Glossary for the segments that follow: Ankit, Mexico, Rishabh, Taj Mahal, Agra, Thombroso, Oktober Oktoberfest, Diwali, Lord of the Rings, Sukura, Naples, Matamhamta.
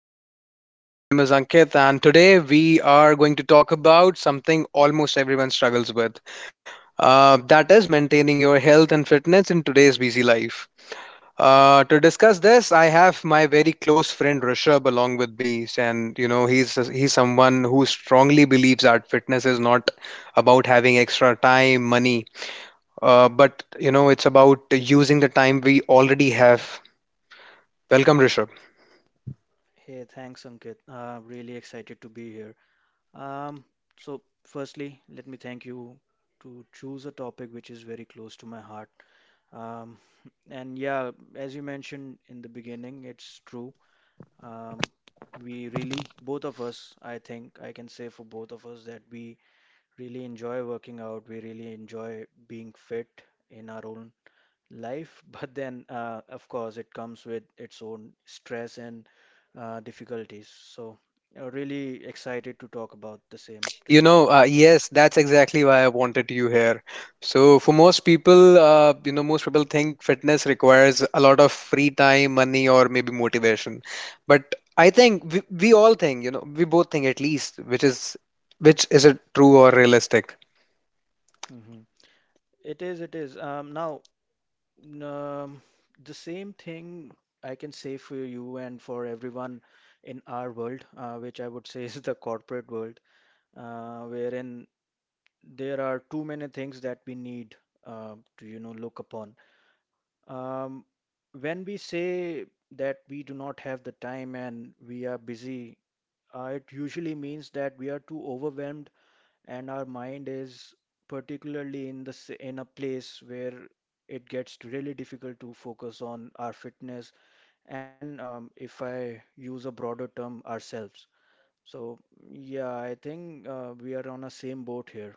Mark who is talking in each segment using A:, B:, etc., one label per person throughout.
A: podcast. My name is Ankit, and today we are going to talk about something almost everyone struggles with that is, maintaining your health and fitness in today's busy life. To discuss this, I have my very close friend Rishabh along with me, and he's someone who strongly believes that fitness is not about having extra time, money, but it's about using the time we already have. Welcome, Rishabh.
B: Hey, thanks, Ankit. Really excited to be here. Um, so, firstly, let me thank you to choose a topic which is very close to my heart. Um, and yeah, as you mentioned in the beginning, it's true. Um, we really, both of us, I think I can say for both of us that we really enjoy working out. We really enjoy being fit in our own life, but then, of course, it comes with its own stress and difficulties. So, really excited to talk about the same
A: You
B: today.
A: know, uh, yes, that's exactly why I wanted you here. So, for most people, most people think fitness requires a lot of free time, money, or maybe motivation. But I think we all think, we both think at least, which is it true or realistic?
B: Mhm. It is, it is. Um, the same thing I can say for you and for everyone in our world, which I would say is the corporate world, wherein there are too many things that we need to, you know, look upon. Um, when we say that we do not have the time and we are busy, it usually means that we are too overwhelmed and our mind is particularly in a place where it gets really difficult to focus on our fitness and, if I use a broader term, ourselves. So yeah, I think we are on a same boat here.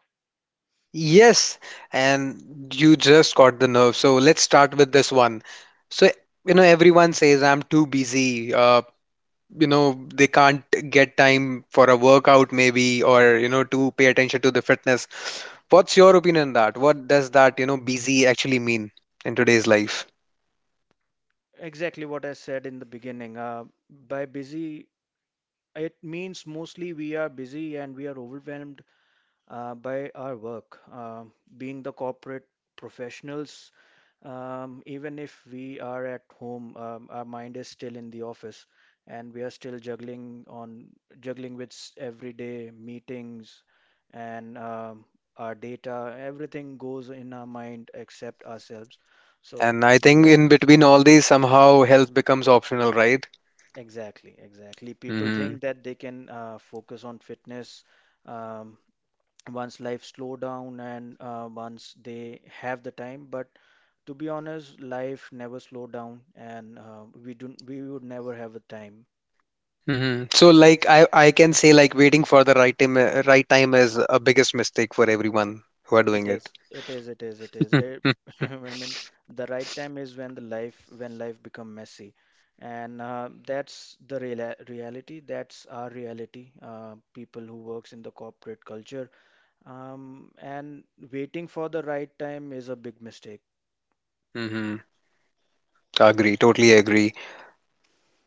A: Yes, and you just caught the nerve. So let's start with this one. So, everyone says I'm too busy. They can't get time for a workout, maybe, or to pay attention to the fitness. What's your opinion on that? What does that busy actually mean in today's life?
B: Exactly what I said in the beginning. By busy, it means mostly we are busy and we are overwhelmed by our work. Being the corporate professionals, even if we are at home, our mind is still in the office and we are still juggling with everyday meetings and, our data. Everything goes in our mind except ourselves. So
A: And I think
B: yeah.
A: in between all these somehow health becomes optional, right?
B: Exactly, exactly. People
A: hmm
B: think that they can focus on fitness Um, once life slow down and once they have the time, but to be honest life never slow down and we would never have a time.
A: so, like, I can say, like, waiting for the right time, right time is a biggest mistake for everyone who are
B: It
A: doing
B: is
A: it.
B: it is it is it is it, i mean the right time is when the life when life become messy, and that's the real reality, that's our reality. People who works in the corporate culture, and waiting for the right time is a big mistake.
A: hmm Agree, totally agree.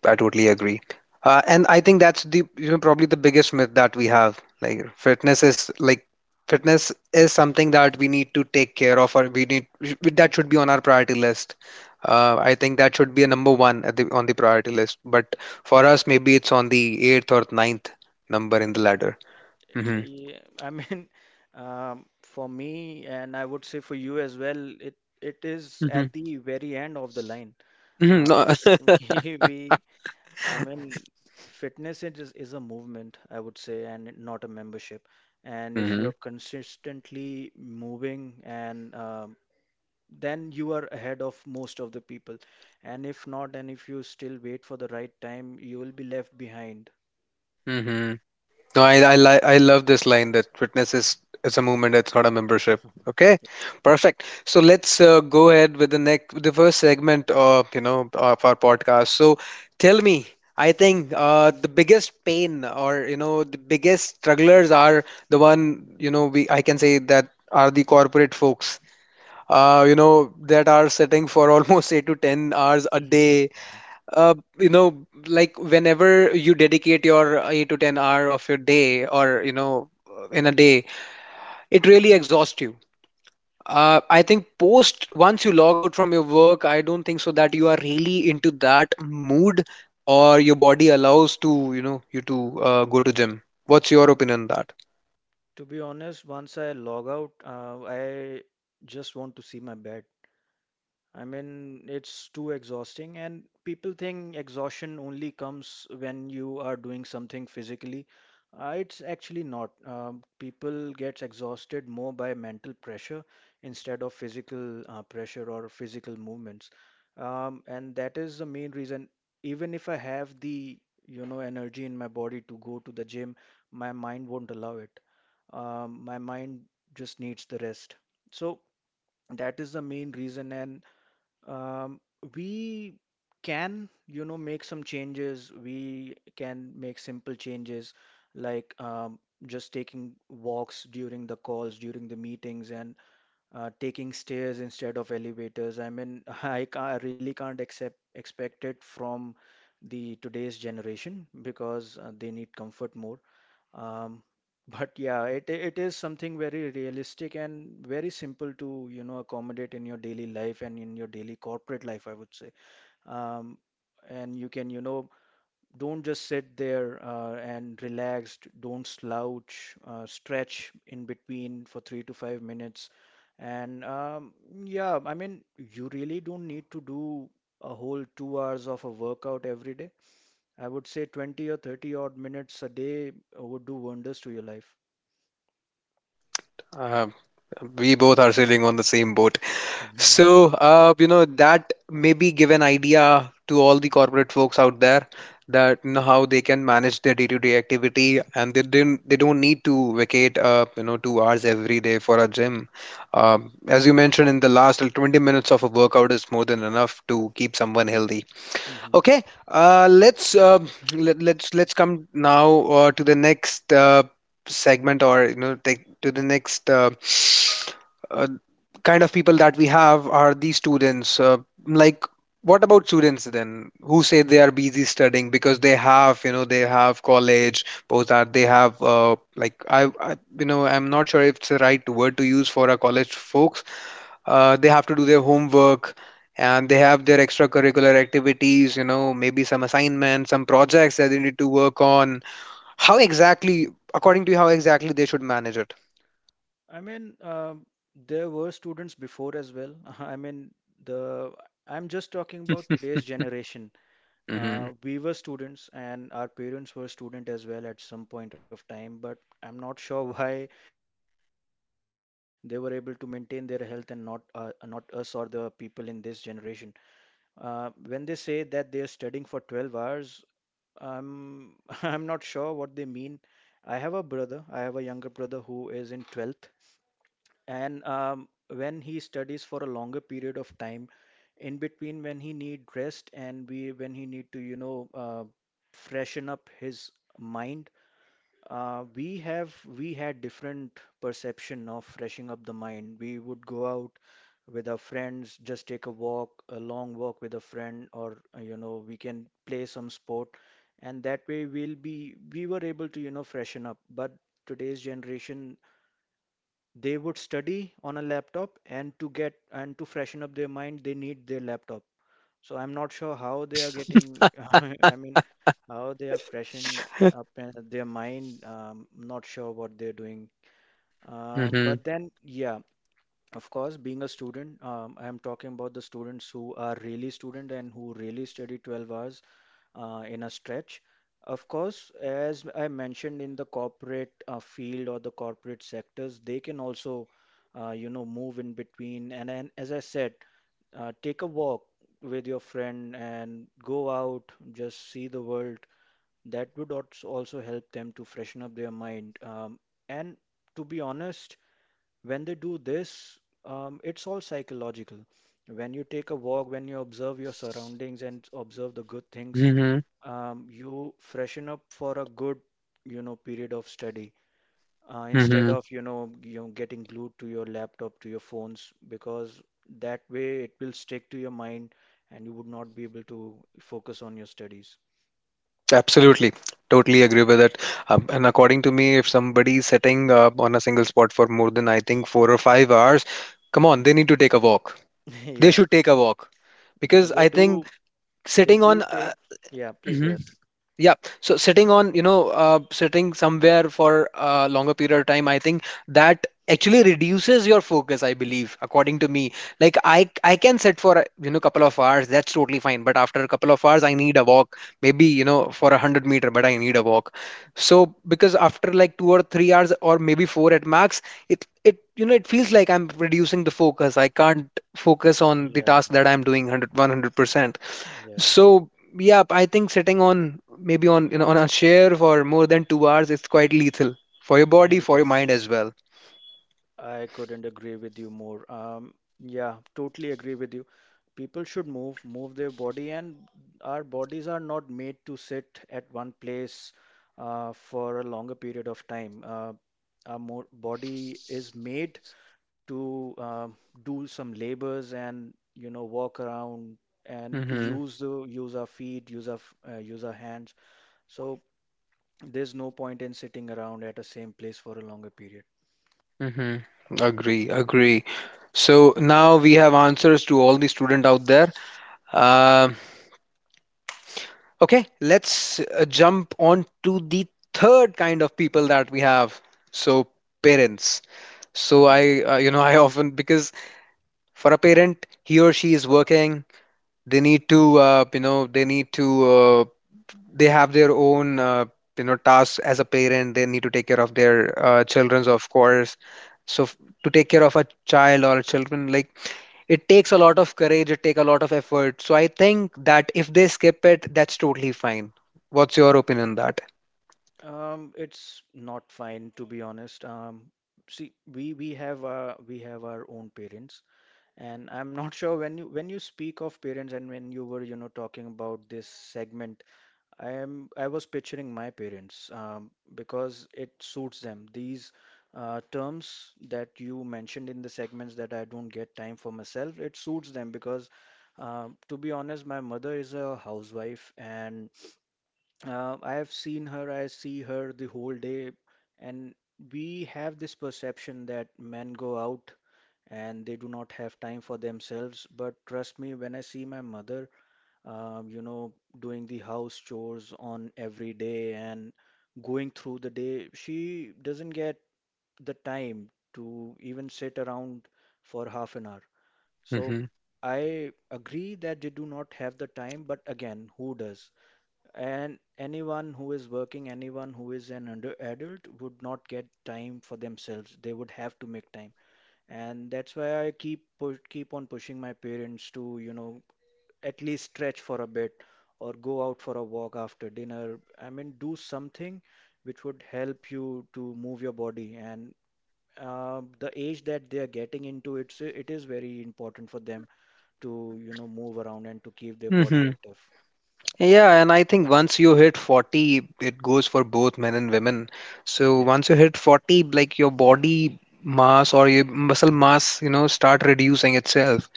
A: I totally agree. And I think that's the probably the biggest myth that we have. Like fitness is something that we need to take care of, or we need that should be on our priority list. I think that should be a number one at on the priority list. But for us, maybe it's on the eighth or ninth number in the ladder. Mm-hmm.
B: Yeah, I mean, for me, and I would say for you as well, it is
A: Mm-hmm.
B: at the very end of the line.
A: Mm-hmm.
B: Um,
A: No.
B: we, we, I mean, fitness is a movement, I would say, and not a membership. And if you're consistently moving, and, then you are ahead of most of the people. And if not, and if you still wait for the right time, you will be left behind.
A: Mm-hmm. No, I love this line that fitness is it's a movement, it's not a membership. Okay, perfect. So let's go ahead with the first segment of you know of our podcast. So tell me, I think the biggest pain or the biggest strugglers are the one you know we I can say that are the corporate folks. That are sitting for almost 8 to 10 hours a day, like whenever you dedicate your 8 to 10 hour of your day, or in a day, it really exhausts you. I think post once you log out from your work, I don't think so that you are really into that mood, or your body allows to you to go to gym. What's your opinion on that?
B: To be honest, once I log out, I just want to see my bed. I mean, it's too exhausting, and people think exhaustion only comes when you are doing something physically. It's actually not. People get exhausted more by mental pressure instead of physical pressure or physical movements. And that is the main reason. Even if I have the, you know, energy in my body to go to the gym, my mind won't allow it. My mind just needs the rest. So that is the main reason, and, um, we can, you know, make some changes. We can make simple changes like, just taking walks during the calls, during the meetings, and taking stairs instead of elevators. I mean, I really can't accept expect it from the today's generation because they need comfort more. Um, but yeah, it is something very realistic and very simple to, you know, accommodate in your daily life and in your daily corporate life, I would say. Um, and you can, you know, don't just sit there and relaxed, don't slouch, stretch in between for 3 to 5 minutes. And, yeah, I mean, you really don't need to do a whole 2 hours of a workout every day. I would say 20 or 30 odd minutes a day would do wonders to your life.
A: uh, we both are sailing on the same boat.
B: Mhm,
A: So, that maybe give an idea to all the corporate folks out there, that how they can manage their day-to-day activity, and they don't need to vacate 2 hours every day for a gym. As you mentioned in the last, like, 20 minutes of a workout is more than enough to keep someone healthy.
B: mhm,
A: Okay, let's let, let's come now to the next segment, or take to the next uh, kind of people that we have are these students. Like, what about students then? Who say they are busy studying because they have college, post that they have, like, I'm not sure if it's the right word to use for our college folks, they have to do their homework, and they have their extracurricular activities, maybe some assignments, some projects that they need to work on. How exactly,
B: mhm.
A: according to you, how exactly they should manage it?
B: I mean, there were students before as well. I mean, the I'm just talking about today's generation.
A: Mhm,
B: We were students, and our parents were student as well at some point of time. But I'm not sure why they were able to maintain their health and not us or the people in this generation. When they say that they are studying for 12 hours, I'm I'm not sure what they mean. I have a brother. I have a younger brother who is in 12th, and, when he studies for a longer period of time, in between when he need rest and we when he need to, you know, freshen up his mind, we had different perception of freshing up the mind. We would go out with our friends, just take a walk, a long walk with a friend, or, you know, we can play some sport, and that way we were able to, you know, freshen up. But today's generation, they would study on a laptop, and to get and to freshen up their mind, they need their laptop. So I'm not sure how they are getting, I mean, how they are freshening up their mind. Not sure what they're doing. Um,
A: mhm,
B: but then, yeah, of course, being a student, I'm talking about the students who are really student and who really study 12 hours in a stretch. Of course, as I mentioned in the corporate field or the corporate sectors, they can also, you know, move in between. And as I said, take a walk with your friend and go out, just see the world. That would also help them to freshen up their mind. And to be honest, when they do this, it's all psychological. When you take a walk, when you observe your surroundings and observe the good things,
A: mhm,
B: you freshen up for a good, you know, period of study instead
A: mhm.
B: of you know, getting glued to your laptop to your phones, because that way it will stick to your mind and you would not be able to focus on your studies.
A: Absolutely. Totally agree with it. And according to me, if somebody's sitting on a single spot for more than, I think, 4 or 5 hours, come on,
B: Mhm.
A: they need to take a walk. They
B: Yeah,
A: should take a walk,
B: no,
A: because
B: they
A: I
B: do
A: think
B: they
A: sitting
B: do
A: on.
B: take. Yeah, please go ahead.
A: Yeah, so sitting on, you know, sitting somewhere for a longer period of time, I think that actually reduces your focus, I believe, according to me. Like I can sit for a couple of hours, that's totally fine, but after a couple of hours I need a walk, maybe, for
B: Mhm.
A: a 100 meter, but I need a walk. So because after like 2 or 3 hours or maybe 4 at max, it feels like I'm reducing the focus. I can't focus on the
B: Yeah,
A: task that I'm doing 100%.
B: yeah,
A: So yeah, I think sitting on, maybe on you know on a chair for more than 2 hours, it's quite lethal for your body,
B: it
A: for your
B: is.
A: mind as well.
B: I couldn't agree with you more. Yeah, totally agree with you. People should move, move their body, and our bodies are not made to sit at one place for a longer period of time. Our mo body is made to, do some labors and you know walk around and
A: Mm-hmm.
B: use the use our feet, use our hands. So there's no point in sitting around at the same place for a longer period.
A: Mm-hmm. Agree, agree. So now we have answers to all the student out there. Um okay, let's jump on to the third kind of people that we have. So parents. So I often because for a parent, he or she is working. They need to, They have their own tasks as a parent, they need to take care of their children's, of course. So to take care of a child or children, like, it takes a lot of courage, it take a lot of effort. So I think that if they skip it, that's totally fine. What's your opinion on that?
B: It's not fine to be honest. See, we have, we have our own parents, and I'm not sure when you speak of parents and when you were, you know, talking about this segment, I was picturing my parents, because it suits them. These terms that you mentioned in the segments, that I don't get time for myself, it suits them because, to be honest, my mother is a housewife and, I have seen her, I see her the whole day, and we have this perception that men go out and they do not have time for themselves. But trust me, when I see my mother, you know, doing the house chores on every day and going through the day, she doesn't get the time to even sit around for half an hour. So
A: hmm
B: I agree that they do not have the time, but again, who does? And anyone who is working, anyone who is an under adult would not get time for themselves. They would have to make time. And that's why I keep on pushing my parents to, you know, at least stretch for a bit or go out for a walk after dinner. I mean, do something which would help you to move your body. And the age that they are getting into, it is very important for them to, you know, move around and to keep their body
A: hmm
B: active.
A: Yeah, and I think once you hit 40, it goes for both men and women. So
B: Yeah.
A: once you hit 40, like your body mass or your muscle mass, you know, start reducing itself.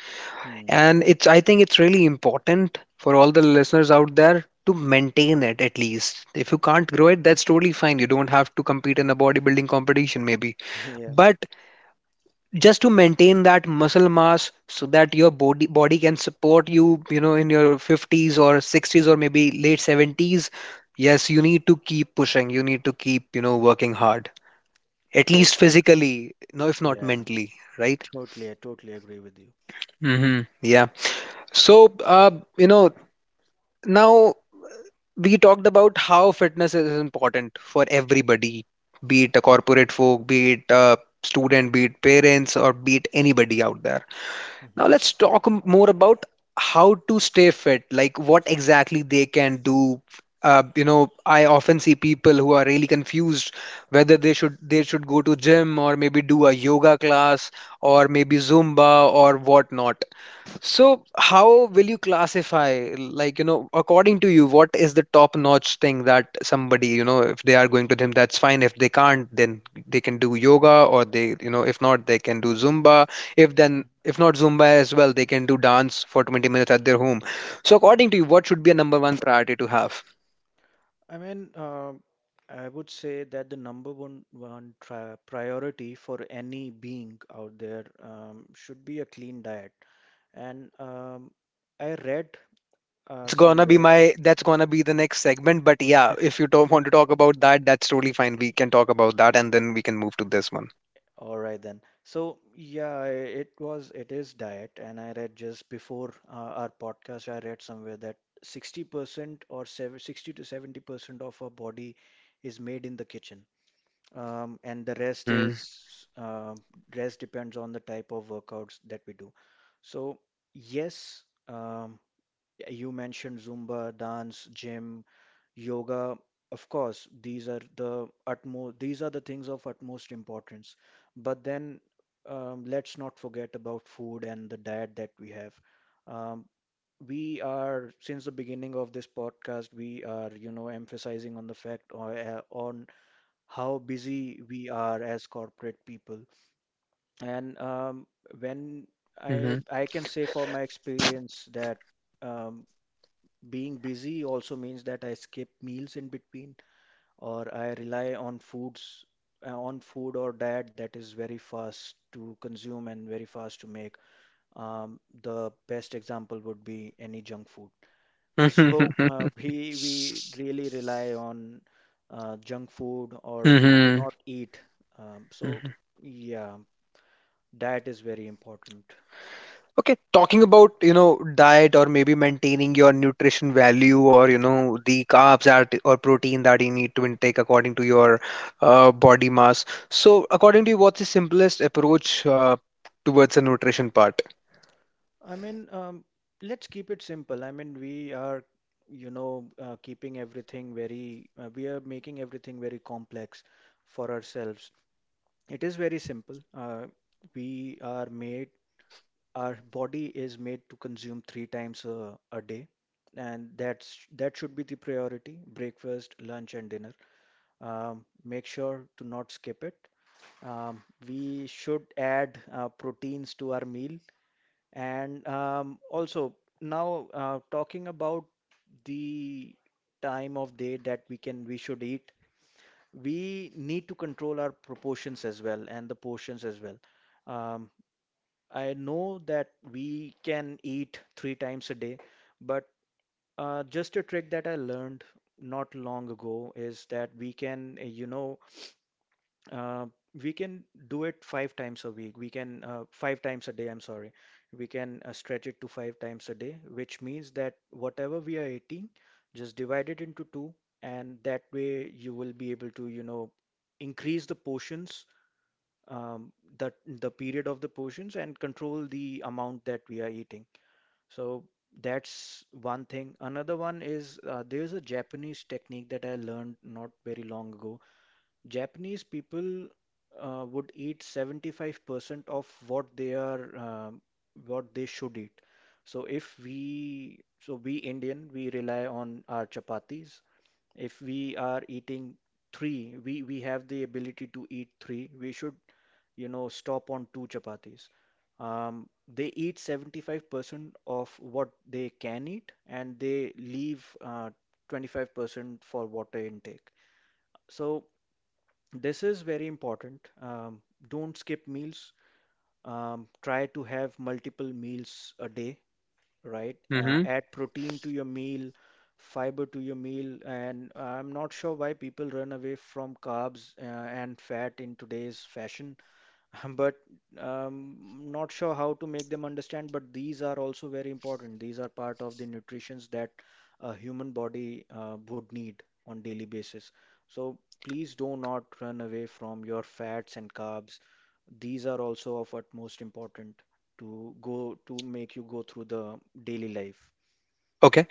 B: Hmm.
A: And it's, I think it's really important for all the listeners out there to maintain it at least. If you can't grow it, that's totally fine. You don't have to compete in a bodybuilding competition, maybe. But just to maintain that muscle mass so that your body can support you you know in your 50s or 60s or
B: Yeah.
A: maybe late 70s. Yes, you need to keep pushing. You need to keep working hard, at least
B: Totally agree.
A: physically, no, if not
B: Yeah,
A: mentally, right?
B: totally, I totally agree with you.
A: Mm-hmm. Yeah. So you know now we talked about how fitness is important for everybody, be it a corporate folk, be it a student, be it parents, or be it anybody out there. Now
B: Hmm.
A: let's talk more about how to stay fit, like what exactly they can do. I often see people who are really confused whether they should go to gym or maybe do a yoga class or maybe Zumba or whatnot. So, how will you classify, like, according to you, what is the top-notch thing that somebody, if they are going to gym, that's fine. If they can't, then they can do yoga, or they, if not, they can do Zumba. If not Zumba as well, they can do dance for 20 minutes at their home. So, according to you, what should be a number one priority to have?
B: I mean, I would say that the number one one tri priority for any being out there, should be a clean diet. And, I read
A: Well, that's gonna be
B: somewhere,
A: my, that's gonna be the next segment. But yeah, if you don't want to talk about that, that's totally fine. We can talk about that, and then we can move to this one.
B: all right then. So yeah, it was it is diet, and I read just before our podcast, I read somewhere that 60% or 760 to 70% of our body is made in the kitchen. And the rest
A: hmm
B: is rest depends on the type of workouts that we do. So yes, you mentioned Zumba, dance, gym, yoga. Of course, these are the things of utmost importance. But then let's not forget about food and the diet that we have. Um, we are, Since the beginning of this podcast, we are emphasizing on the fact on how busy we are as corporate people. And when I can say for my experience that um, being busy also means that I skip meals in between, or I rely on food or diet that is very fast to consume and very fast to make. The best example would be any junk food.
A: hmm
B: So uh, we we really rely on junk food, or we do
A: Mm-hmm.
B: not eat. So
A: hmm
B: yeah, diet is very important.
A: Okay, talking about, diet or maybe maintaining your nutrition value, or, the carbs that or protein that you need to intake according to your body mass. So, according to you, what's the simplest approach towards the nutrition part?
B: I mean, um, let's keep it simple. I mean, we are, you know, keeping everything very, we are making everything very complex for ourselves. It is very simple. We are made our body is made to consume three times a day, and that should be the priority: breakfast, lunch, and dinner. Make sure to not skip it. Um, we should add proteins to our meal, and also now talking about the time of day that we should eat, we need to control our proportions as well and the portions as well. Um, I know that we can eat three times a day, but just a trick that I learned not long ago is that we can, you know, uh, we can do it five times a week. We can, five times a day, I'm sorry. We can stretch it to five times a day, which means that whatever we are eating, just divide it into two, and that way you will be able to, you know, increase the portions um, the period of the portions and control the amount that we are eating. So that's one thing. Another one is there's a Japanese technique that I learned not very long ago. Japanese people would eat 75% of what they are what they should eat. So if we so we Indian we rely on our chapatis. If we are eating three, we have the ability to eat three. We should, you know, stop on two chapatis. They eat 75% of what they can eat, and they leave 25% for water intake. So this is very important. Don't skip meals. Try to have multiple meals a day, right?
A: Mm-hmm.
B: Add protein to your meal, fiber to your meal. And I'm not sure why people run away from carbs and fat in today's fashion. But um, not sure how to make them understand. But these are also very important. These are part of the nutritions that a human body would need on daily basis. So please do not run away from your fats and carbs. These are also of utmost important to go to make you go through the daily life.
A: Okay.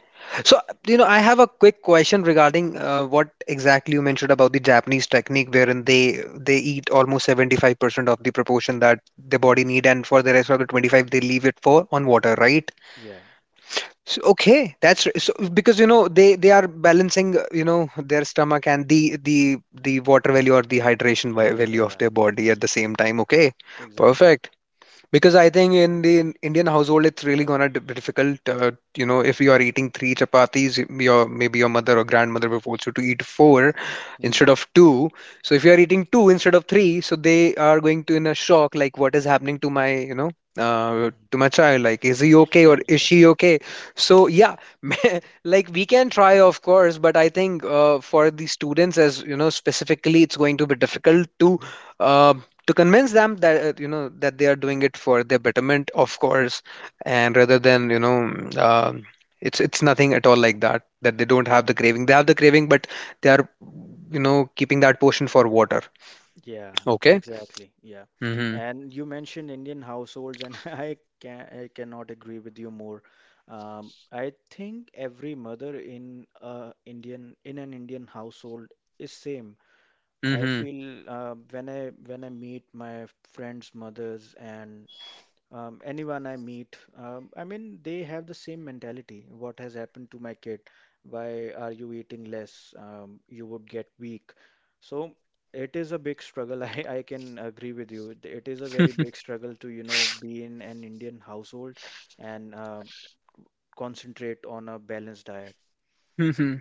A: So, I have a quick question regarding what exactly you mentioned about the Japanese technique, wherein they eat almost 75% of the proportion that the body
B: Mhm.
A: need, and for the rest of the 25, they leave it for on water, right?
B: Yeah,
A: So, okay, that's so because you know they are balancing their stomach and the water value or the hydration value of
B: yeah,
A: their body at the same time. Okay,
B: exactly.
A: perfect. Because I think in the Indian household, it's really gonna be difficult. If you are eating three chapatis, y- your maybe your mother or grandmother will force you to eat four instead
B: Mm.
A: of two. So if you are eating two instead of three, so they are going to in a shock, like what is happening to my, you know, uh,
B: Mhm.
A: to my child? Like, is he okay or is she okay? So yeah, like we can try, of course, but I think for the students, as you know, specifically, it's going to be difficult um, to convince them that that they are doing it for their betterment, of course, and rather than you know um it's nothing at all like that, that they don't have the craving. They have the craving, but they are, you know, keeping that portion for water.
B: Yeah,
A: Okay.
B: exactly. Yeah.
A: Mm-hmm.
B: And you mentioned Indian households, and I cannot agree with you more. I think every mother in a Indian in an Indian household is same. I
A: Mm-hmm.
B: feel when I meet my friends' mothers and anyone I meet, they have the same mentality. What has happened to my kid? Why are you eating less? You would get weak. So it is a big struggle. I can agree with you. It is a very big struggle to, you know, be in an Indian household and concentrate on a balanced diet.
A: Mm-hmm.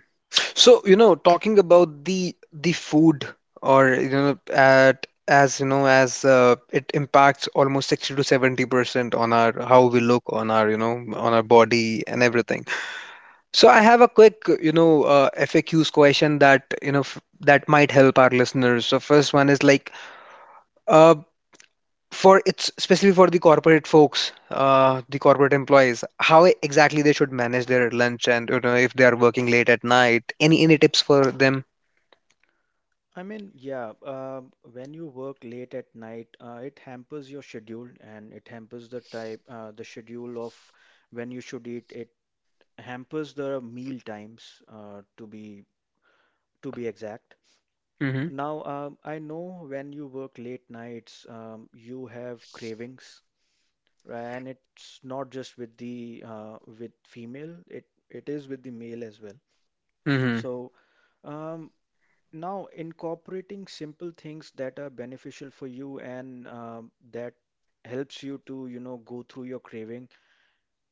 A: So, you know, talking about the food, or you know, at as you know, as it impacts almost 60 to 70% on our, how we look, on our, you know, on our body and
B: Yeah.
A: everything. So I have a quick, you know, FAQs question that, you know, f that might help our listeners. So first one is like, uh, for it's especially for the corporate folks, the corporate employees, how exactly they should manage their lunch and, you know, if they are working late at night. Any tips for them?
B: I mean, yeah, uh, when you work late at night, it hampers your schedule, and it hampers the schedule of when you should eat. It hampers the meal times to be exact.
A: Mm-hmm.
B: I know when you work late nights, you have cravings, right? And it's not just with the with female, it is with the male as well.
A: Mm-hmm.
B: So, um, now incorporating simple things that are beneficial for you and that helps you to, you know, go through your craving.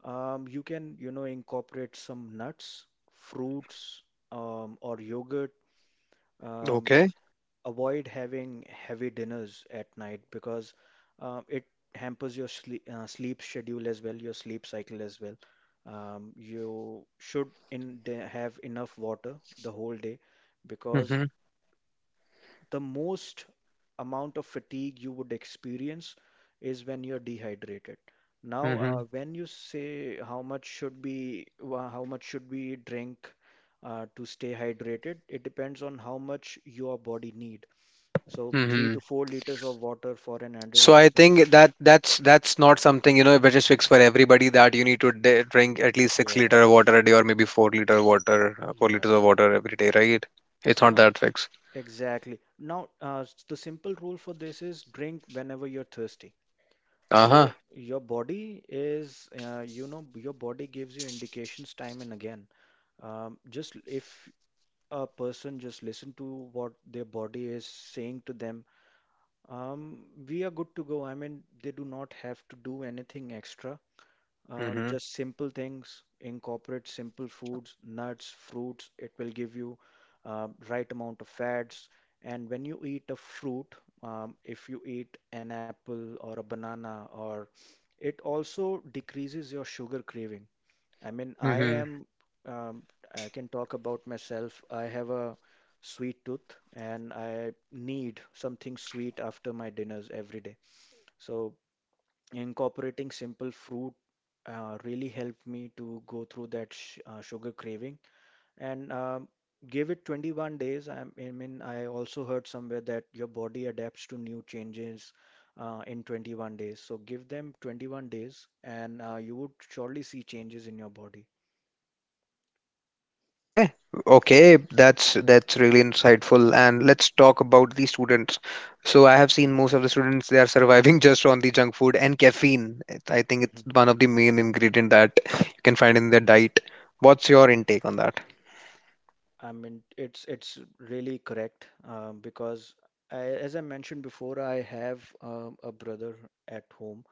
B: You can, you know, incorporate some nuts, fruits, or yogurt. Um,
A: Okay.
B: avoid having heavy dinners at night because it hampers your sleep schedule as well, your sleep cycle as well. You should have enough water the whole day, because
A: Mm-hmm.
B: the most amount of fatigue you would experience is when you're dehydrated. Now, when you say how much should be wha- how much should we drink to stay hydrated, it depends on how much your body need. So three
A: Mm-hmm.
B: to four liters of water for an adult
A: So I think
B: is—
A: that's not something, you know, which is fixed for everybody, that you need to drink at least six
B: Yeah,
A: liter of water a day, or maybe 4 liter of water, four
B: yeah,
A: liters of water every day, right? It's not
B: no,
A: that fixed.
B: exactly. Now, the simple rule for this is drink whenever you're thirsty.
A: Uh huh.
B: So your body is, you know, your body gives you indications time and again. Just if a person just listen to what their body is saying to them, we are good to go. I mean, they do not have to do anything extra.
A: Mm-hmm.
B: Just simple things, incorporate simple foods, nuts, fruits. It will give you right amount of fats. And when you eat a fruit, if you eat an apple or a banana, or— it also decreases your sugar craving. I mean, I
A: Hmm.
B: am, um, I can talk about myself. I have a sweet tooth, and I need something sweet after my dinners every day. So incorporating simple fruit really helped me to go through that sh sugar craving, and gave it 21 days. I also heard somewhere that your body adapts to new changes in 21 days. So give them 21 days, and you would surely see changes in your body.
A: Okay. Okay, that's really insightful. And let's talk about the students. So I have seen most of the students, they are surviving just on the junk food and caffeine. I think it's
B: Mhm.
A: one of the main ingredient that you can find in their diet. What's your intake on that?
B: It's really correct, because I, as I mentioned before, I have a brother at home,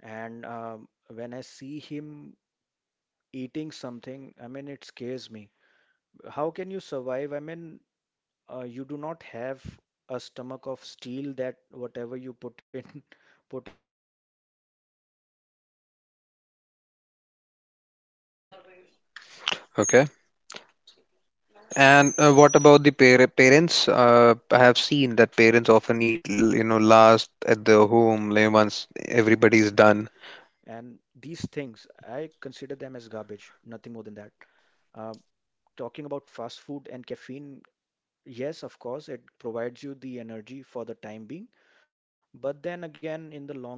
B: and when I see him eating something, I mean, it scares me. How can you survive? You do not have a stomach of steel that whatever you put in, put it in yourself and it won't harm you. Uh, people should
A: Okay,
B: understand that your body
A: okay.
B: is not a garbage bag.
A: And what
B: It
A: about the
B: is something
A: parents?
B: which
A: I
B: you
A: have
B: have
A: seen
B: and
A: that
B: which
A: parents
B: you
A: often
B: need to
A: eat,
B: maintain
A: you know,
B: yourself.
A: last at the
B: And
A: home, like, once
B: these things,
A: everybody's
B: I
A: done.
B: consider them as garbage, nothing more than that. Um, Talking about fast food and caffeine, yes, of course, it provides you the energy for the time being, but then again, in the longer run,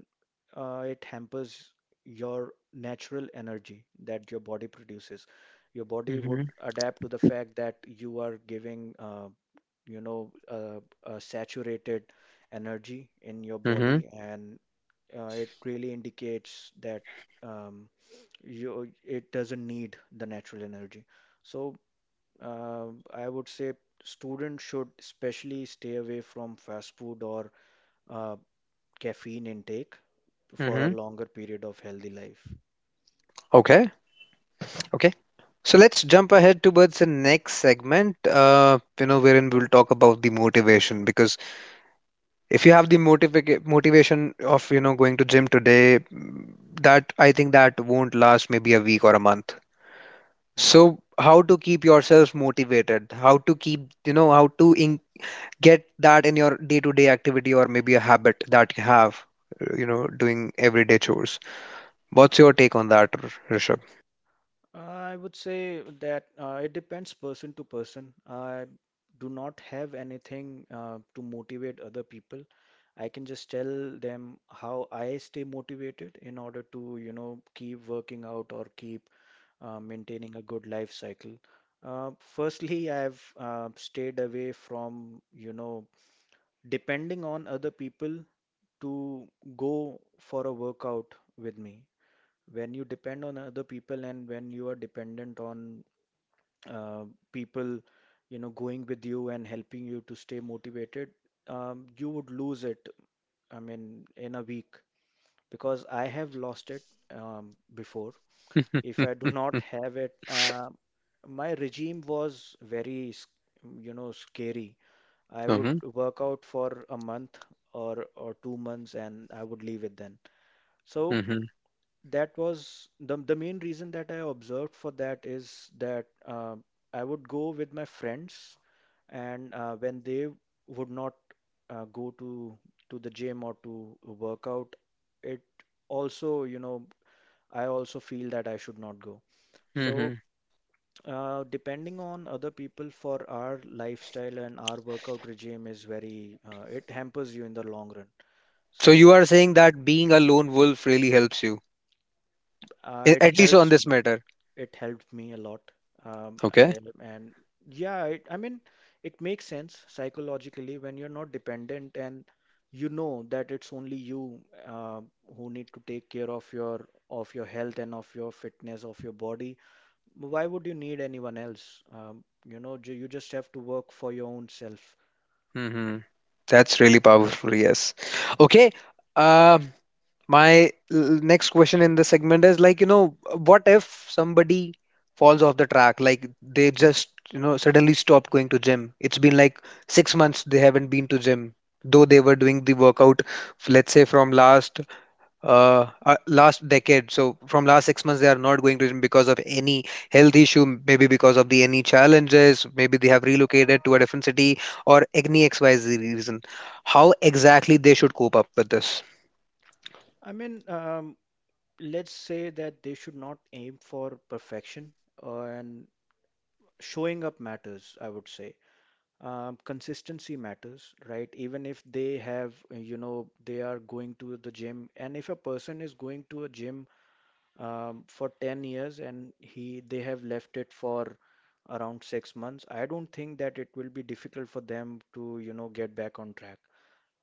B: it hampers your natural energy that your body produces. Your body would
A: Mm-hmm.
B: adapt to the fact that you are giving a saturated energy in your
A: Mm-hmm.
B: body, and it really indicates that um, you it doesn't need the natural energy. So I would say students should especially stay away from fast food or uh, caffeine intake for a
A: Mm-hmm.
B: longer period of healthy life.
A: Okay, okay. So let's jump ahead towards the next segment, you know, wherein we'll talk about the motivation, because if you have the motivation of, you know, going to gym today, that I think that won't last, maybe a week or a month.
B: Hmm.
A: So how to keep yourself motivated, how to keep, you know, how to get that in your day to day activity, or maybe a habit that you have, you know, doing everyday chores. What's your take on that, Rishabh?
B: I would say that it depends person to person. I do not have anything to motivate other people. I can just tell them how I stay motivated in order to, you know, keep working out or keep maintaining a good life cycle. Firstly, I've stayed away from, you know, depending on other people to go for a workout with me. When you depend on other people and when you are dependent on uh, people, you know, going with you and helping you to stay motivated, you would lose it, I mean, in a week, because I have lost it before. If I do not have it, my regime was very, scary. I would
A: Mhm,
B: work out for a month or 2 months, and I would leave it then. So
A: mhm,
B: that was the main reason that I observed for that is that I would go with my friends, and when they would not go to the gym or to work out, it also, you know, I also feel that I should not go. So
A: mhm.
B: depending on other people for our lifestyle and our workout regime is very, it hampers you in the long run.
A: So
B: So
A: you are saying that being a lone wolf really helps you, a-
B: it
A: at least on
B: helps
A: this
B: me.
A: matter.
B: It helped me a lot.
A: Okay.
B: I, and yeah, it makes sense psychologically when you're not dependent and you know that it's only you uh, who need to take care of your health and of your fitness, of your body. Why would you need anyone else? You just have to work for your own self.
A: Hmm. That's really powerful. Yes. Okay. Um my next question in the segment is like, you know, what if somebody falls off the track? Like they just, you know, suddenly stopped going to gym. It's been like 6 months they haven't been to gym, though they were doing the workout, let's say from last last decade. So from last 6 months, they are not going to gym because of any health issue, maybe because of the any challenges, maybe they have relocated to a different city, or any XYZ reason. How exactly they should cope up with this?
B: I mean, um, let's say that they should not aim for perfection, and showing up matters, I would say. Consistency matters, right? Even if they have, they are going to the gym, and if a person is going to a gym for 10 years, and he they have left it for around 6 months, I don't think that it will be difficult for them to, you know, get back on track.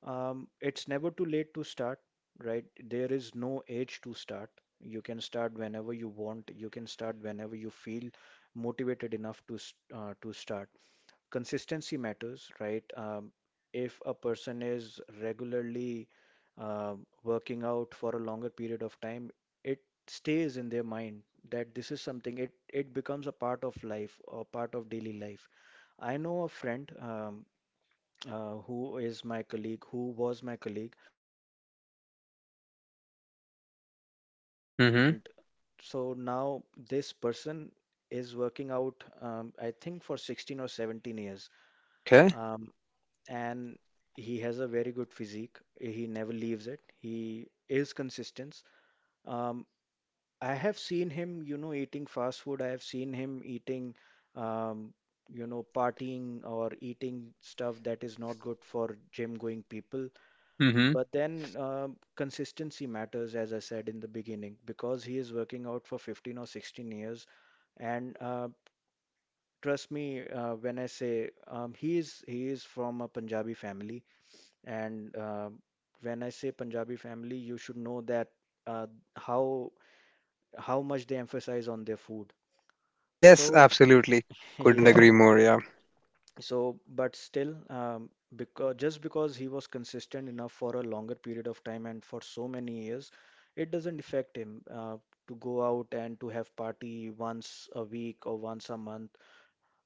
B: It's never too late to start, right? There is no age to start. You can start whenever you want. You can start whenever you feel motivated enough to to start. Consistency matters, right? If a person is regularly working out for a longer period of time, it stays in their mind that this is something. It becomes a part of life or part of daily life. I know a friend. Who was my colleague. He moved to a different process. And
A: Mm-hmm.
B: so now this person is working out, I think, for 16 or 17 years.
A: Okay.
B: Um, and he has a very good physique. He never leaves it. He is consistent. Um, I have seen him, you know, eating fast food. I have seen him eating, um, you know, partying or eating stuff that is not good for gym going people.
A: Mm-hmm.
B: But then consistency matters, as I said in the beginning, because he is working out for 15 or 16 years. And trust me when I say, he is from a Punjabi family, and when I say Punjabi family, you should know that uh, how how much they emphasize on their food.
A: Yes,
B: So,
A: absolutely. Couldn't
B: yeah.
A: agree more. Yeah.
B: So, but still, because just because he was consistent enough for a longer period of time and for so many years, it doesn't affect him to go out and to have party once a week or once a month.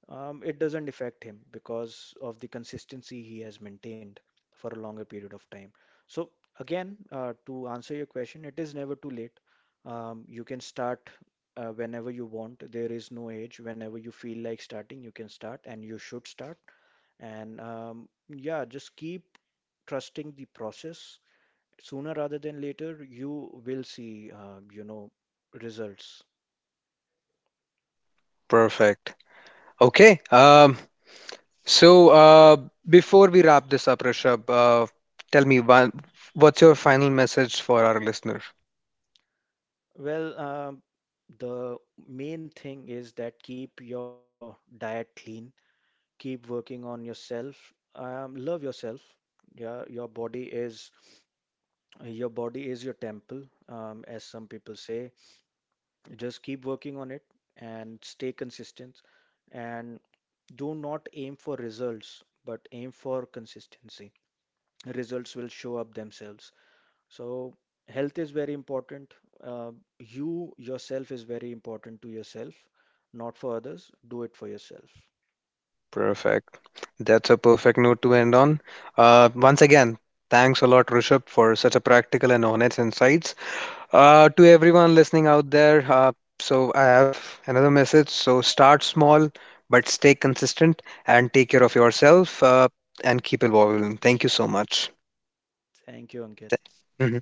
B: It doesn't affect him because of the consistency he has maintained for a longer period of time. So, again, to answer your question, it is never too late. You can start whenever you want. There is no age. Whenever you feel like starting, you can start and you should start. And yeah, just keep trusting the process. Sooner rather than later, you will see, results.
A: Perfect. Okay. So uh, before we wrap this up, Rishabh, tell me one, what's your final message for our listener?
B: Well, the main thing is that keep your diet clean, keep working on yourself, love yourself. Yeah, your body is your temple, as some people say. Just keep working on it and stay consistent, and do not aim for results, but aim for consistency. Results will show up themselves. So health is very important. Uh, you yourself is very important to yourself, not for others. Do it for yourself.
A: Perfect. That's a perfect note to end on. Once again, thanks a lot, Rishabh, for such a practical and honest insights. To everyone listening out there, so I have another message. So start small, but stay consistent, and take care of yourself, and keep evolving. Thank you so much.
B: Thank you, Ankit.
A: Th- Mhm.